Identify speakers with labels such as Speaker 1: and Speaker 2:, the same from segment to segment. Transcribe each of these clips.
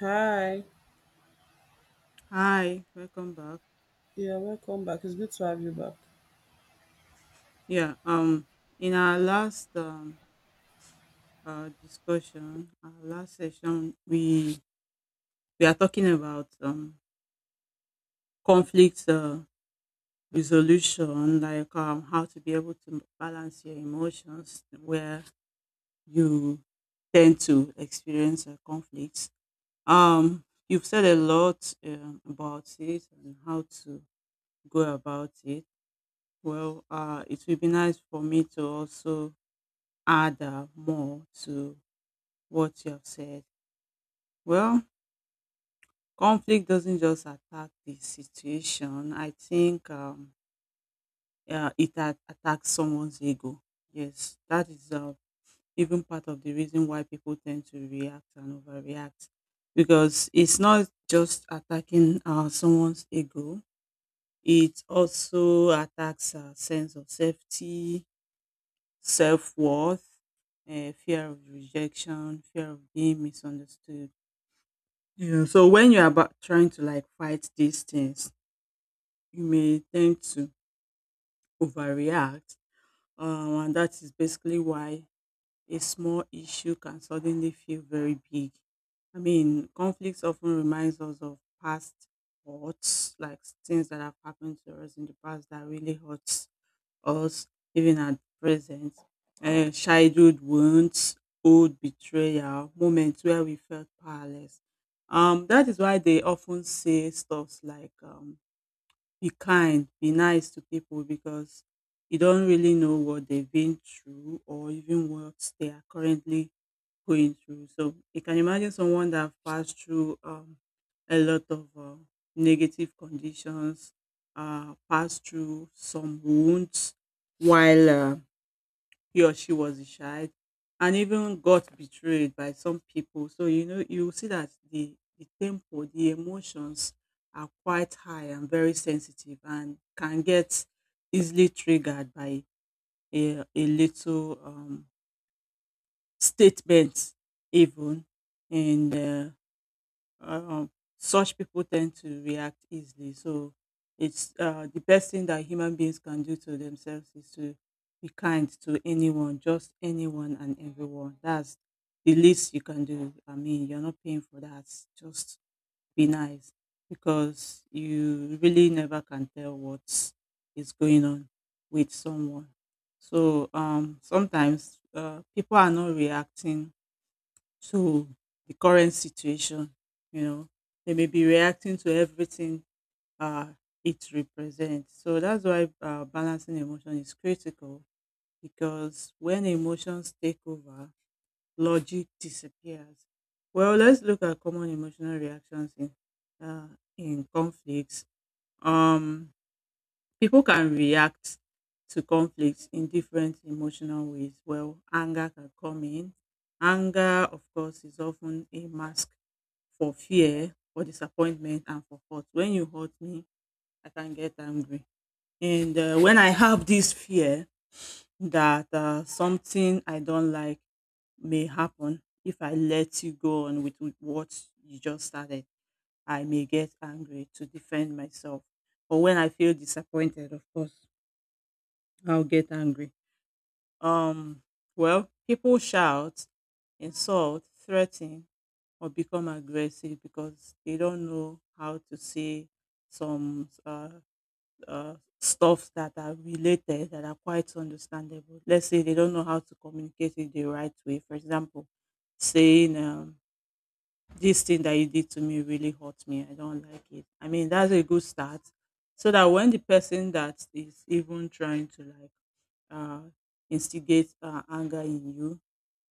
Speaker 1: Hi,
Speaker 2: Hi, welcome back.
Speaker 1: yeah, welcome back. It's good to have you back.
Speaker 2: Yeah, um, in our last discussion, our last session, we are talking about conflict resolution, like how to be able to balance your emotions where you tend to experience conflicts. You've said a lot about it and how to go about it. Well, it would be nice for me to also add more to what you have said. Well, conflict doesn't just attack the situation. I think it attacks someone's ego. Yes, that is even part of the reason why people tend to react and overreact because it's not just attacking someone's ego. It also attacks a sense of safety, self worth, fear of rejection, fear of being misunderstood. Yeah, so when you're about trying to like fight these things, you may tend to overreact. And that is basically why a small issue can suddenly feel very big. I mean, conflicts often reminds us of past hurts, like things that have happened to us in the past that really hurts us even at present. Childhood wounds, old betrayal, moments where we felt powerless. That is why they often say stuffs like be kind, be nice to people because you don't really know what they've been through or even what they are currently going through. So you can imagine someone that passed through a lot of negative conditions, passed through some wounds while he or she was the child and even got betrayed by some people. So you know you see that the tempo, the emotions are quite high and very sensitive and can get easily triggered by a little statement even and um, such people tend to react easily. So it's the best thing that human beings can do to themselves is to be kind to anyone, just anyone and everyone. That's the least you can do. I mean, you're not paying for that. Just be nice because you really never can tell what is going on with someone. So sometimes people are not reacting to the current situation. You know, they may be reacting to everything uh, it represents. So that's why balancing emotion is critical because when emotions take over, logic disappears. Well, let's look at common emotional reactions uh, in conflicts. Um, people can react to conflicts in different emotional ways. Well, anger can come in. Anger, of course, is often a mask for fear, for disappointment and for hurt. When you hurt me, I can get angry. And when I have this fear that something I don't like may happen if I let you go on with what you just started, I may get angry to defend myself. Or when I feel disappointed, of course, I'll get angry. Um, well, people shout, insult, threaten, or become aggressive because they don't know how to say some stuff that are related that are quite understandable. Let's say they don't know how to communicate it the right way. For example, saying this thing that you did to me really hurt me. I don't like it. I mean, that's a good start. So that when the person that is even trying to like uh, instigate anger in you,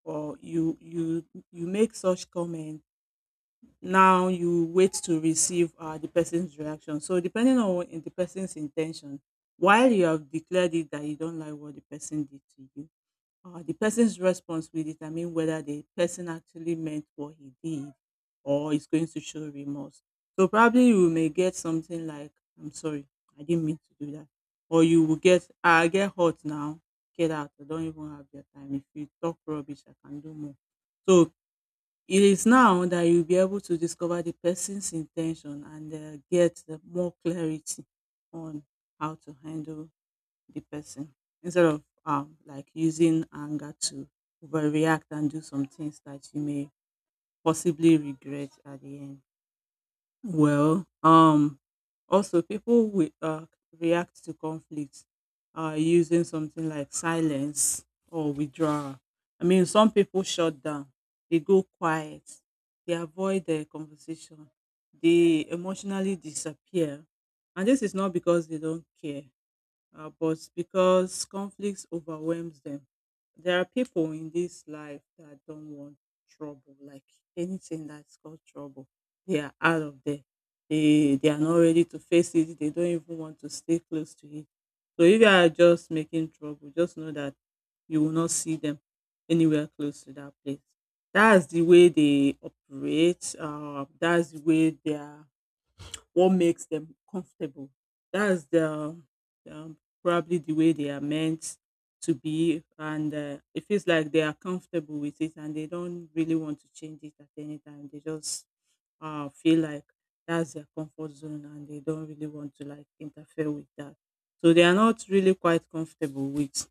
Speaker 2: or you make such comment, now you wait to receive the person's reaction. So depending on the person's intention, while you have declared it that you don't like what the person did to you, the person's response will determine whether the person actually meant what he did or is going to show remorse. So probably you may get something like, I'm sorry, I didn't mean to do that. Or you will get, "Ah, I get hot now, get out. I don't even have your time. If you talk rubbish, I can do more. So it is now that you'll be able to discover the person's intention and get more clarity on how to handle the person instead of like using anger to overreact and do some things that you may possibly regret at the end. Well, also people will react to conflict using something like silence or withdrawal. I mean, some people shut down, they go quiet, they avoid the conversation, they emotionally disappear. And this is not because they don't care but because conflicts overwhelms them. There are people in this life that don't want trouble, like anything that's called trouble. They are out of there. They are not ready to face it. They don't even want to stay close to it. So if you are just making trouble, just know that you will not see them anywhere close to that place. That's the way they operate. That's the way they are what makes them comfortable. That's the um, probably the way they are meant to be, and it feels like they are comfortable with it, and they don't really want to change it at any time. They just feel like that's their comfort zone, and they don't really want to like interfere with that. So they are not really quite comfortable with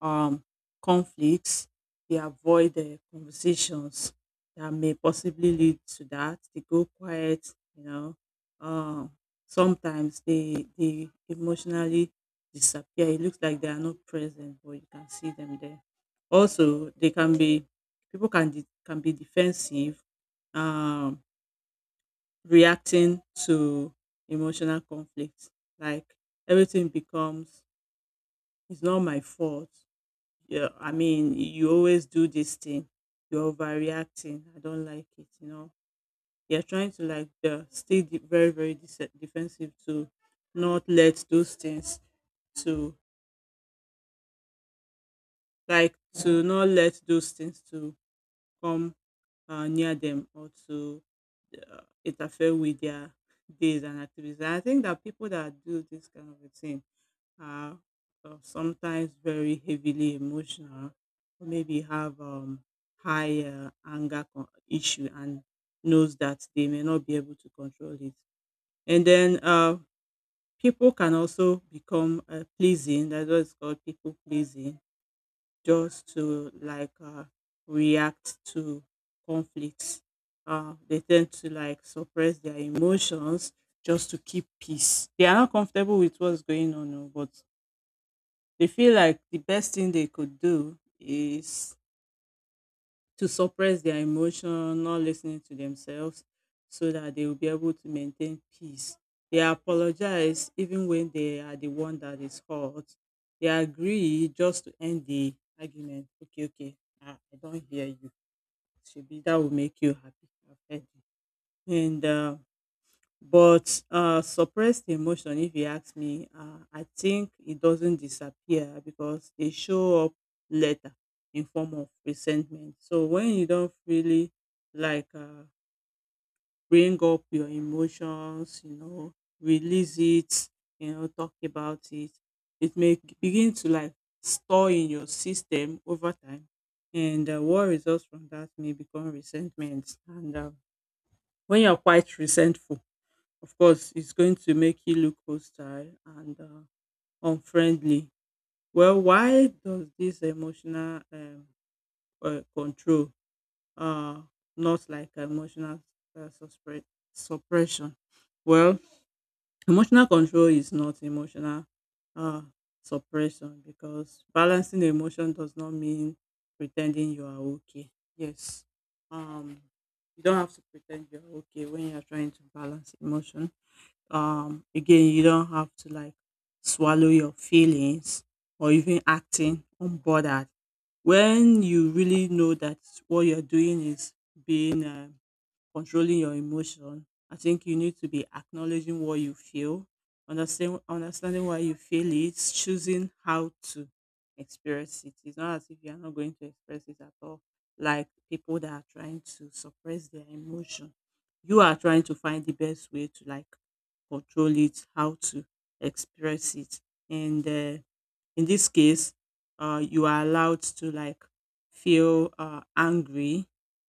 Speaker 2: um, conflicts. They avoid conversations that may possibly lead to that. They go quiet, you know. Uh, sometimes they emotionally disappear. It looks like they are not present, but you can see them there. Also, they can be people can can be defensive, um, reacting to emotional conflicts. Like everything becomes it's not my fault, yeah, I mean, you always do this thing. You're overreacting. I don't like it, you know. You're trying to like stay very, very defensive to not let those things to like to not let those things to come near them or to interfere with their days and activities. And I think that people that do this kind of a thing are sometimes very heavily emotional or maybe have high anger issue and knows that they may not be able to control it and then people can also become pleasing, that's what it's called, people pleasing just to like react to conflicts. They tend to like suppress their emotions just to keep peace. They are not comfortable with what's going on, no, but they feel like the best thing they could do is to suppress their emotion, not listening to themselves, so that they will be able to maintain peace. They apologize even when they are the one that is hurt. They agree just to end the argument. Okay, okay, I don't hear you. Should be that will make you happy. I've heard you. And but suppressed emotion, if you ask me, I think it doesn't disappear because they show up later in form of resentment. So when you don't really like bring up your emotions, you know, release it, you know, talk about it, it may begin to like store in your system over time. And what results from that may become resentment. And when you're quite resentful, of course, it's going to make you look hostile and unfriendly. Well, why does this emotional control uh, not like emotional uh, suspre- suppression? Well, emotional control is not emotional uh, suppression because balancing emotion does not mean pretending you are okay. Yes, um, you don't have to pretend you're okay when you're trying to balance emotion. Again, you don't have to like swallow your feelings or even acting unbothered when you really know that what you're doing is being controlling your emotion. I think you need to be acknowledging what you feel, understanding why you feel it, choosing how to express it. It's not as if you are not going to express it at all. Like people that are trying to suppress their emotion, you are trying to find the best way to like control it, how to express it, and in this case, you are allowed to like feel angry,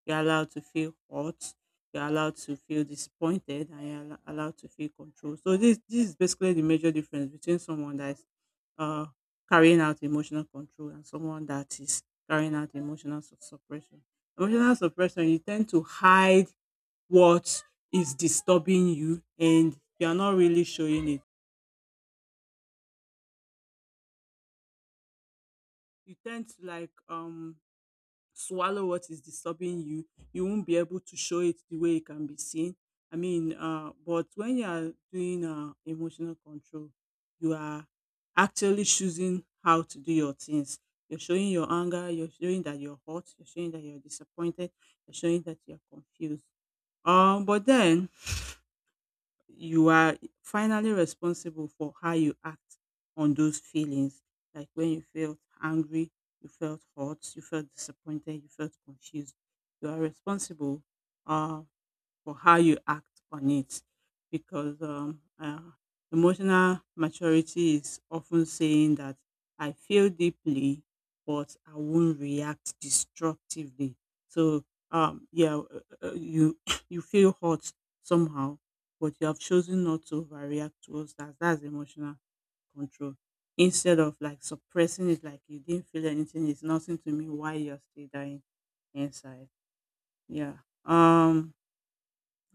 Speaker 2: you're allowed to feel hot. You're allowed to feel disappointed, and you're allowed to feel control. So this is basically the major difference between someone that is uh, carrying out emotional control and someone that is carrying out emotional suppression. Emotional suppression, you tend to hide what is disturbing you, and you're not really showing it. You tend to like swallow what is disturbing you, you won't be able to show it the way it can be seen. I mean, but when you are doing emotional control, you are actually choosing how to do your things. You're showing your anger, you're showing that you're hurt, you're showing that you're disappointed, you're showing that you're confused. But then you are finally responsible for how you act on those feelings. Like when you felt angry, you felt hurt, you felt disappointed, you felt confused. You are responsible. Uh, for how you act on it because emotional maturity is often saying that I feel deeply, but I won't react destructively. So yeah, you you feel hurt somehow, but you have chosen not to overreact towards that. That's emotional control. Instead of like suppressing it, like you didn't feel anything, it's nothing to me. Why you're still dying inside? Yeah. Um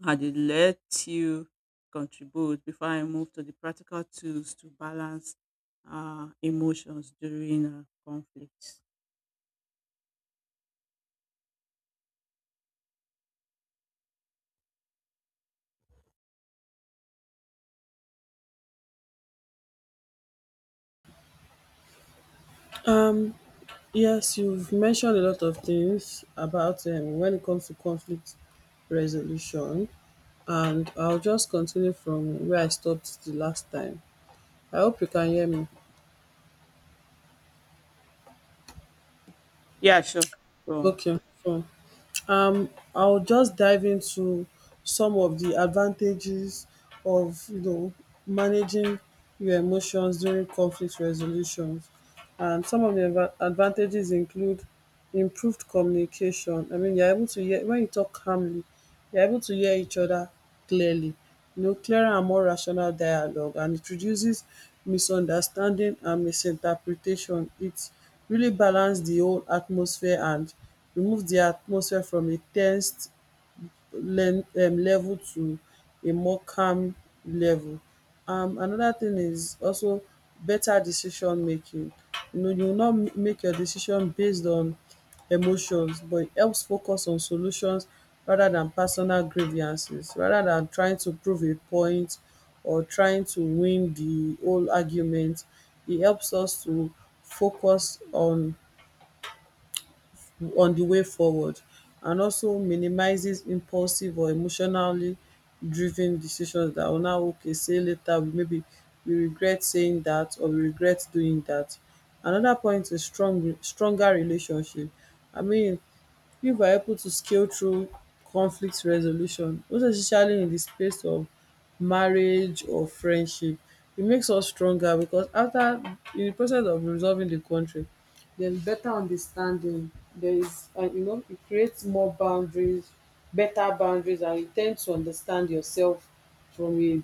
Speaker 2: Had it let you contribute before I moved to the practical tools to balance emotions during conflicts?
Speaker 1: Yes, you've mentioned a lot of things about when it comes to conflict resolution, and I'll just continue from where I stopped the last time. I hope you can hear me.
Speaker 2: Yeah, sure. Go on.
Speaker 1: Okay, fine. I'll just dive into some of the advantages of managing your emotions during conflict resolutions. And some of the advantages include improved communication. I mean, you're able to hear when you talk calmly, we are able to hear each other clearly, you know, clearer and more rational dialogue, and it reduces misunderstanding and misinterpretation. It really balance the whole atmosphere and remove the atmosphere from a ten sed learn level to a more calm level. Another thing is also better decision making. You know, you will not make your decision based on emotions, but it helps focus on solutions rather than personal grievances, rather than trying to prove a point or trying to win the whole argument. It helps us to focus on the way forward and also minimizes impulsive or emotionally driven decisions that will now okay say later we maybe we regret saying that or we regret doing that. Another point is stronger relationship. I mean, people are able to scale through conflict resolution, most especially in the space of marriage or friendship. It makes us stronger because after in the process of resolving the conflict, there's better understanding. There is, and you know, it creates more boundaries, better boundaries, and you tend to understand yourself from a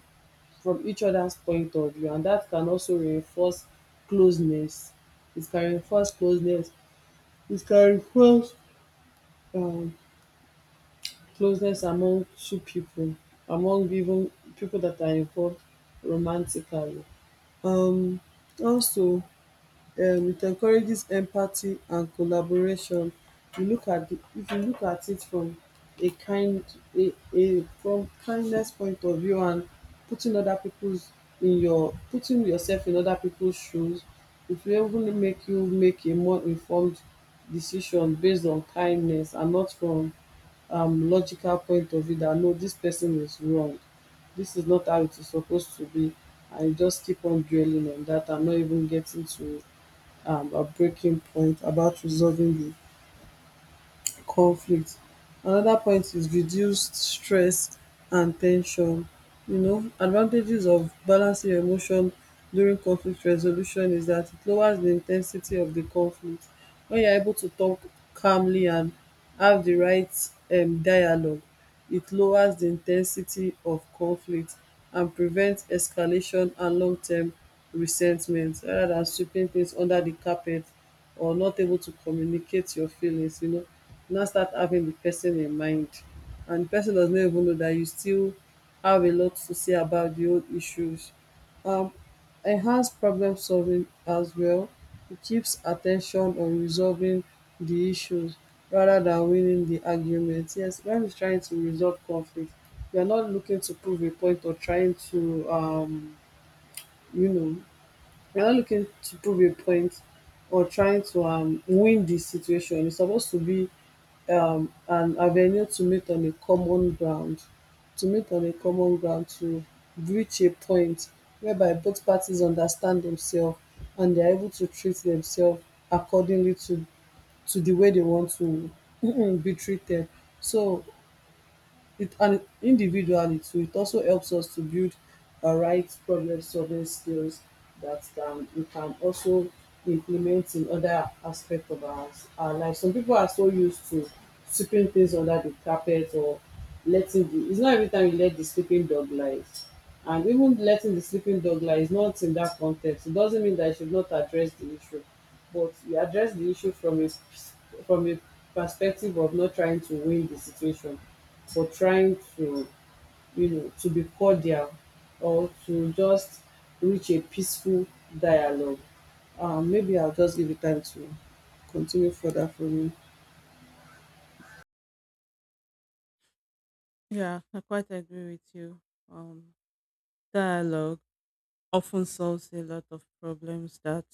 Speaker 1: from each other's point of view, and that can also reinforce closeness. It can reinforce closeness. It can reinforce um, closeness among two people, among even people that are involved romantically. Um, also, it encourages empathy and collaboration. You look at the, if you look at it from a kind a from kindness point of view and putting other people's in your putting yourself in other people's shoes, it will even make you make a more informed decision based on kindness and not from logical point of view that no, this person is wrong, this is not how it is supposed to be, and you just keep on dwelling on that and not even getting to a breaking point about resolving the conflict. Another point is reduced stress and tension. You know, advantages of balancing emotion during conflict resolution is that it lowers the intensity of the conflict. When you're able to talk calmly and have the right dialogue, it lowers the intensity of conflict and prevents escalation and long-term resentment rather than sweeping things under the carpet or not able to communicate your feelings, you know, now start having the person in mind, and the person does not even know that you still have a lot to say about the old issues. um Enhance problem solving as well. It keeps attention on resolving the issues rather than winning the argument. Yes, when we're trying to resolve conflict, you are not looking to prove a point or trying to you know you're not looking to prove a point or trying to win the situation. It's supposed to be an avenue to meet on a common ground, to meet on a common ground to reach a point whereby both parties understand themselves and they're able to treat themselves accordingly to the way they want to be treated. So it and individually too it also helps us to build the right problem solving skills that can we can also implement in other aspect of our life. Some people are so used to sweeping things under the carpet or letting the it's not every time you let the sleeping dog lie, and even letting the sleeping dog lie is not in that context. It doesn't mean that you should not address the issue, but you address the issue from a perspective of not trying to win the situation, for trying to, you know, to be cordial or to just reach a peaceful dialogue. Maybe I'll just give you time to continue further from you.
Speaker 2: Yeah, I quite agree with you. Um, Dialogue often solves a lot of problems that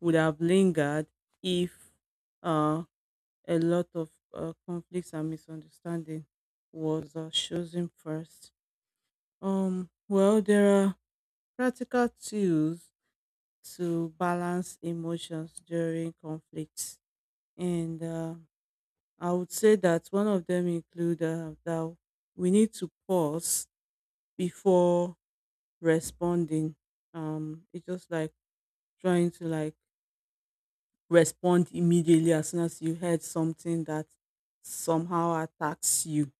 Speaker 2: would have lingered if uh, a lot of conflicts and misunderstanding was chosen first. Well, there are practical tools to balance emotions during conflicts. And I would say that one of them include that we need to pause before responding. It's just like trying to like respond immediately as soon as you heard something that somehow attacks you.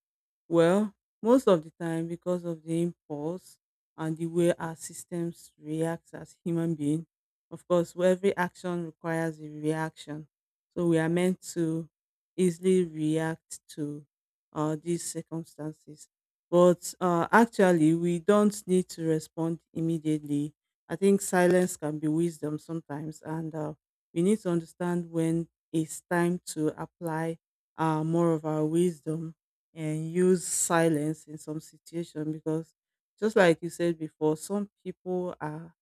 Speaker 2: Well, most of the time, because of the impulse and the way our systems react as human beings, of course, where every action requires a reaction. So we are meant to easily react to these circumstances. But actually, we don't need to respond immediately. I think silence can be wisdom sometimes, and we need to understand when it's time to apply more of our wisdom and use silence in some situation, because just like you said before, some people are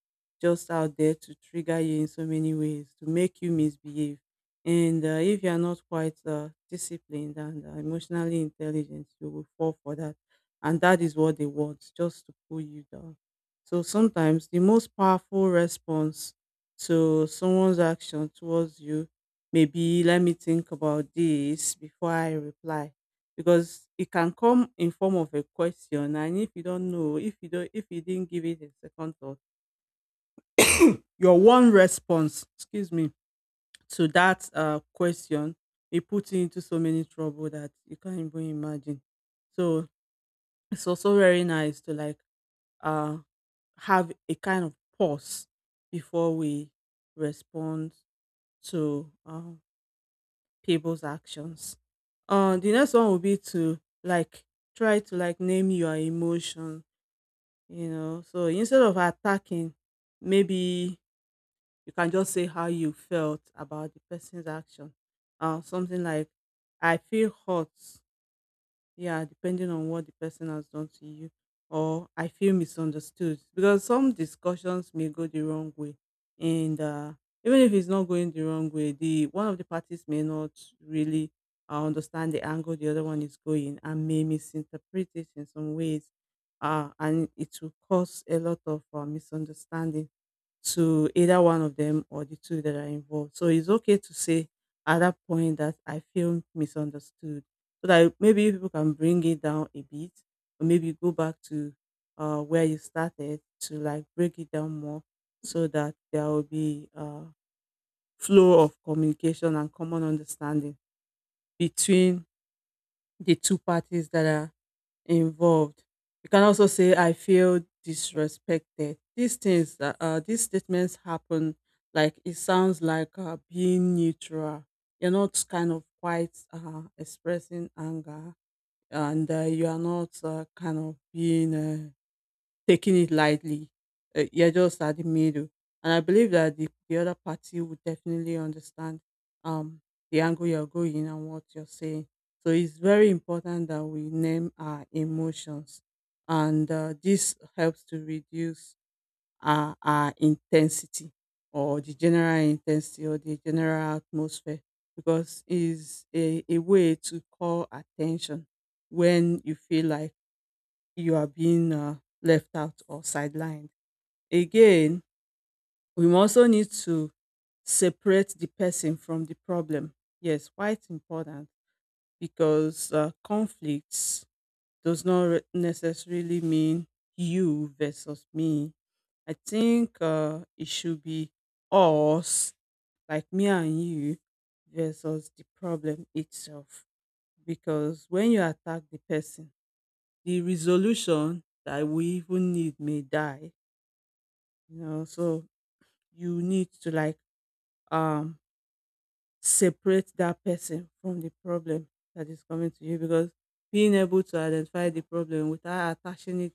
Speaker 2: just out there to trigger you in so many ways to make you misbehave. And if you are not quite disciplined and emotionally intelligent, you will fall for that, and that is what they want, just to pull you down. So sometimes the most powerful response to someone's action towards you may be, let me think about this before I reply, because it can come in form of a question. And if you don't know if you don't if you didn't give it a second thought, your one response, excuse me, to that question, it puts you into so many trouble that you can't even imagine. So it's also very nice to like uh have a kind of pause before we respond to people's actions. The next one will be to like try to like name your emotions. So instead of attacking, maybe you can just say how you felt about the person's action. Something like, I feel hurt, yeah, depending on what the person has done to you, or I feel misunderstood, because some discussions may go the wrong way. And even if it's not going the wrong way, the one of the parties may not really understand the angle the other one is going and may misinterpret it in some ways. And it will cause a lot of misunderstanding to either one of them or the two that are involved. So it's okay to say at that point that I feel misunderstood. So that maybe people can bring it down a bit or maybe go back to where you started to like break it down more, so that there will be a flow of communication and common understanding between the two parties that are involved. You can also say, I feel disrespected. These things, these statements happen, like it sounds like being neutral. You're not kind of quite expressing anger, and you are not kind of being taking it lightly. You're just at the middle. And I believe that the other party would definitely understand um, the angle you're going and what you're saying. So it's very important that we name our emotions. And this helps to reduce our intensity, or the general intensity or the general atmosphere, because it's a way to call attention when you feel like you are being left out or sidelined. Again, we also need to separate the person from the problem. Yes, why it's important, because conflicts does not necessarily mean you versus me. I think it should be us, like me and you, versus the problem itself. Because when you attack the person, the resolution that we even need may die. So you need to like um separate that person from the problem that is coming to you, because being able to identify the problem without attaching it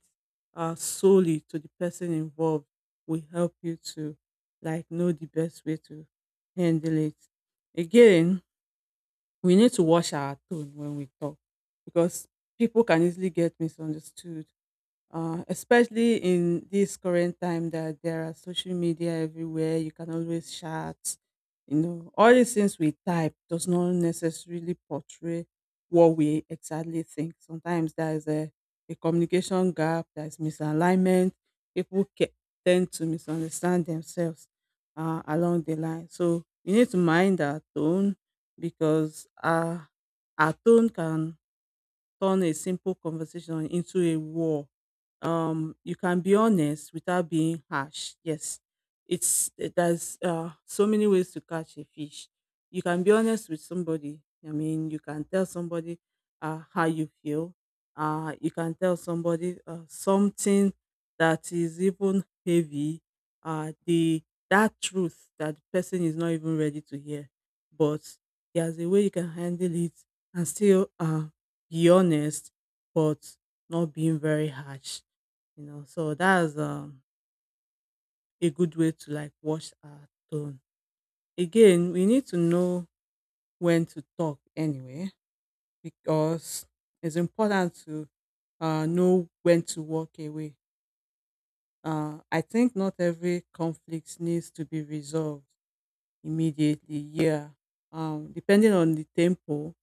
Speaker 2: solely to the person involved will help you to like know the best way to handle it. Again, we need to wash our tone when we talk, because people can easily get misunderstood, especially in this current time that there are social media everywhere. You can always chat. All these things we type does not necessarily portray what we exactly think. Sometimes there is a communication gap, there is misalignment. People tend to misunderstand themselves along the line. So we need to mind our tone, because our tone can turn a simple conversation into a war. You can be honest without being harsh. Yes, there's so many ways to catch a fish. You can be honest with somebody. I mean, you can tell somebody how you feel. You can tell somebody something that is even heavy. The That truth that the person is not even ready to hear, but there's a way you can handle it and still be honest, but not being very harsh. So that's a good way to like watch our tone. Again, we need to know when to talk anyway, because it's important to know when to walk away. I think not every conflict needs to be resolved immediately, yeah. Depending on the tempo,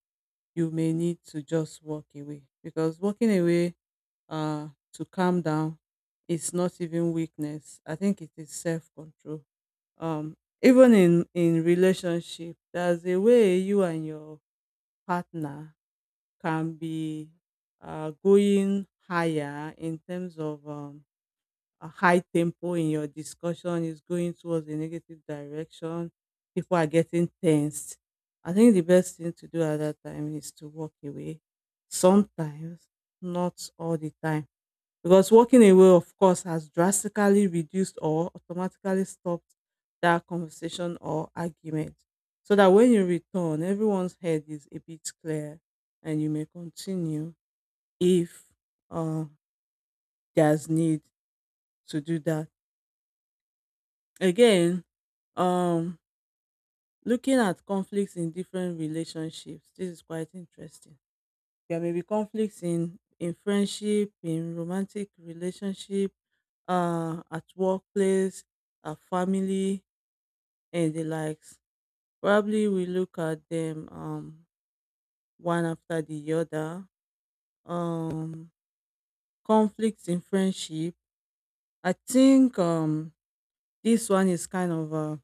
Speaker 2: you may need to just walk away, because walking away to calm down. It's not even weakness. I think it is self control. Um, Even in relationship, there's a way you and your partner can be going higher in terms of a high tempo in your discussion is going towards a negative direction. People are getting tensed. I think the best thing to do at that time is to walk away. Sometimes, not all the time, because walking away, of course, has drastically reduced or automatically stopped that conversation or argument, so that when you return, everyone's head is a bit clear and you may continue if uh, there's need to do that. Again, um looking at conflicts in different relationships, this is quite interesting. There may be conflicts in friendship, in romantic relationship, at workplace, at family, and the likes. Probably we look at them one after the other. Um, Conflicts in friendship. I think this one is kind of uh,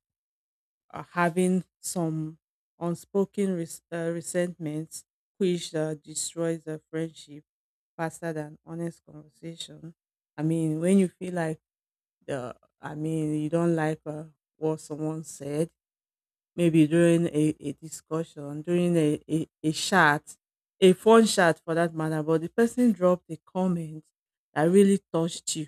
Speaker 2: uh, having some unspoken resentments, which destroys the friendship faster than honest conversation. I mean, when you feel like the, I mean, you don't like what someone said, maybe during a discussion, during a chat, a phone chat for that matter, but the person dropped a comment that really touched you.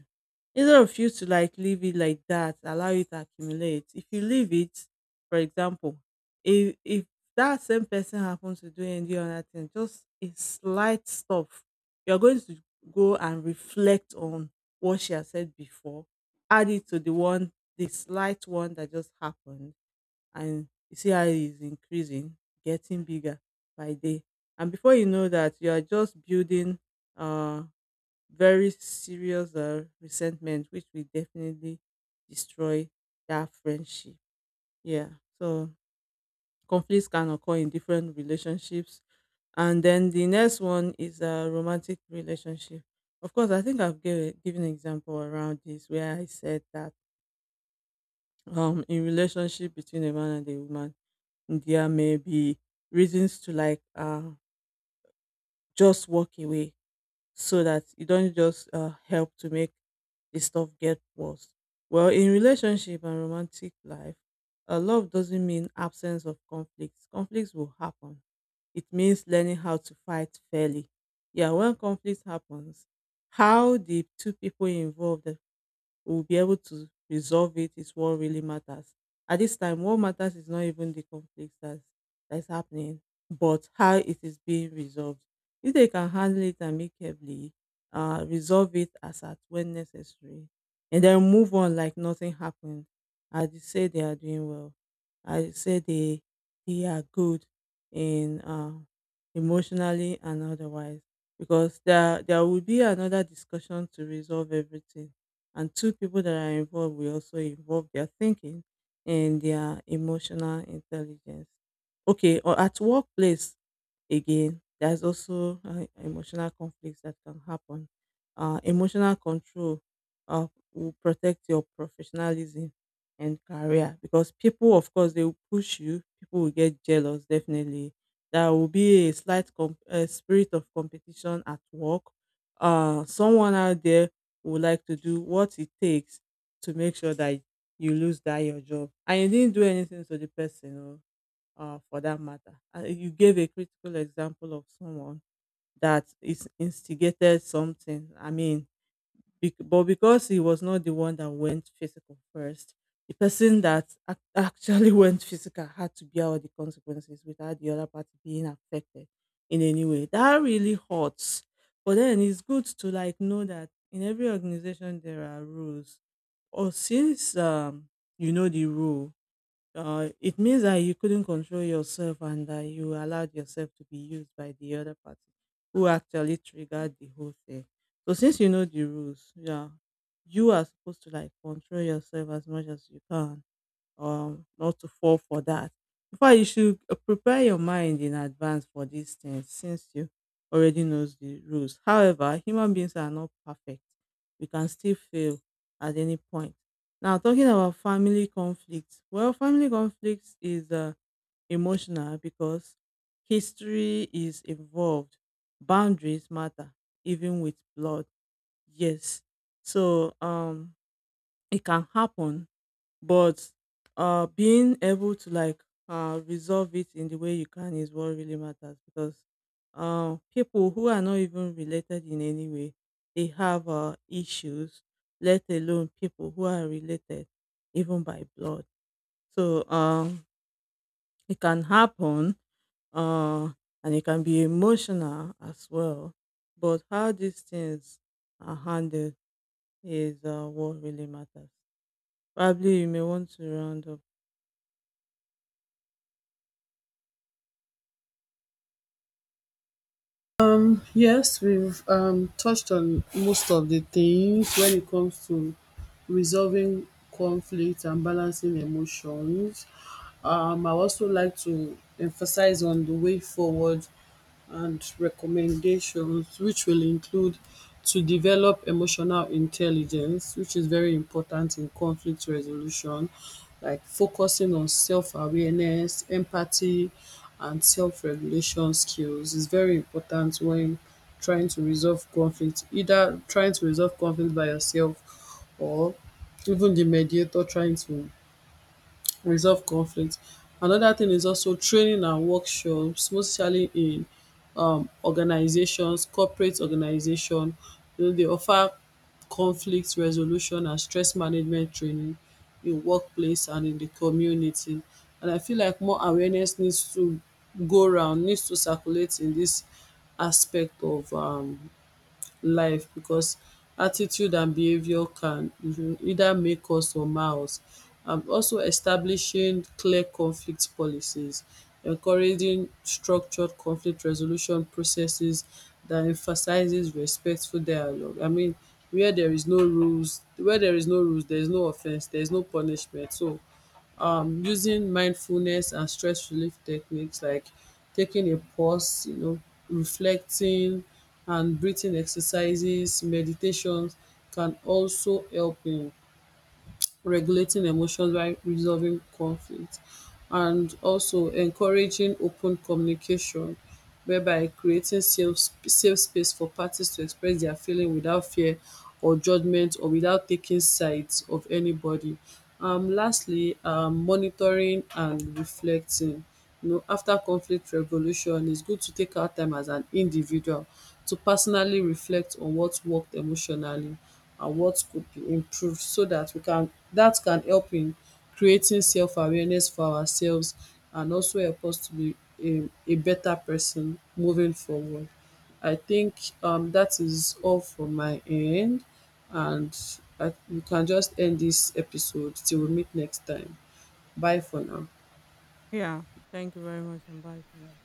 Speaker 2: Instead of you to like leave it like that, allow it to accumulate. If you leave it, for example, if that same person happens to do any other thing, just a slight stuff, you're going to go and reflect on what she has said before, add it to the one, the slight one that just happened, and you see how it's increasing, getting bigger by day. And before you know that, you are just building uh, very serious resentment, which will definitely destroy that friendship. Yeah. So conflicts can occur in different relationships. And then the next one is a romantic relationship. Of course, I think I've given an example around this, where I said that in relationship between a man and a woman, there may be reasons to like just walk away, so that you don't just help to make the stuff get worse. Well, in relationship and romantic life, love doesn't mean absence of conflicts. Conflicts will happen. It means learning how to fight fairly, yeah. When conflict happens, how the two people involved we'll be able to resolve it is what really matters. At this time, what matters is not even the conflict that's happening, but how it is being resolved. If they can handle it amicably, resolve it as at when necessary, and then move on like nothing happened, I would say they are doing well. I would say they are good in emotionally and otherwise, because there will be another discussion to resolve everything, and two people that are involved will also involve their thinking and their emotional intelligence. Okay, or at workplace. Again, there's also emotional conflicts that can happen. Emotional control uh, will protect your professionalism and career, because people, of course, they will push you. People will get jealous, definitely. There will be a slight spirit of competition at work. Someone out there would like to do what it takes to make sure that you lose that your job, and you didn't do anything to the person. Oh for that matter. You gave a critical example of someone that is instigated something. I mean, bec- but because he was not the one that went physical first, the person that actually went physical had to bear all the consequences without the other party being affected in any way. That really hurts. But then it's good to like know that in every organization there are rules. Or since you know the rule, it means that you couldn't control yourself and that you allowed yourself to be used by the other party who actually triggered the whole thing. So since you know the rules, yeah, you are supposed to like control yourself as much as you can, not to fall for that. In fact, you should prepare your mind in advance for these things, since you already knows the rules. However, human beings are not perfect. We can still fail at any point. Now, talking about family conflicts. Well, family conflicts is emotional, because history is involved. Boundaries matter, even with blood. Yes. So it can happen, but being able to like resolve it in the way you can is what really matters, because people who are not even related in any way, they have issues, let alone people who are related, even by blood. So it can happen, uh and it can be emotional as well. But how these things are handled is what really matters. Probably you may want to round up.
Speaker 1: Yes, we've touched on most of the things when it comes to resolving conflict and balancing emotions. I also like to emphasize on the way forward and recommendations, which will include to develop emotional intelligence, which is very important in conflict resolution, like focusing on self awareness, empathy, and self regulation skills is very important when trying to resolve conflict, either trying to resolve conflict by yourself or even the mediator trying to resolve conflict. Another thing is also training and workshops, mostly in organisations, corporate organisation, you know, dey offer conflict resolution and stress management training in workplace and in the community, and I feel like more awareness needs to go around, needs to circulate in this aspect of life because attitude and behaviour can, mhm, either make us or mar us. And also establishing clear conflict policies, encouraging structured conflict resolution processes that emphasises respectful dialogue. I mean, where there is no rules, where there is no rules there is no offence, there is no punishment. So using mindfulness and stress relief techniques like taking a pause, you know, reflecting and breathing exercises, meditations, can also help in regulating emotions while resolving conflict, and also encouraging open communication whereby creating safe space for parties to express their feeling without fear or judgment or without taking sides of anybody. Lastly, monitoring and reflecting. No, after conflict resolution its good to take out time as an individual to personally reflect on what worked emotionally and what could be improved, so that we can that can help in creating self-awareness for ourselves and also help us to be a better person moving forward. I think that is all from my end, and I we can just end this episode till we meet next time. Bye for now.
Speaker 2: Yeah. Thank you very much, and bye for now.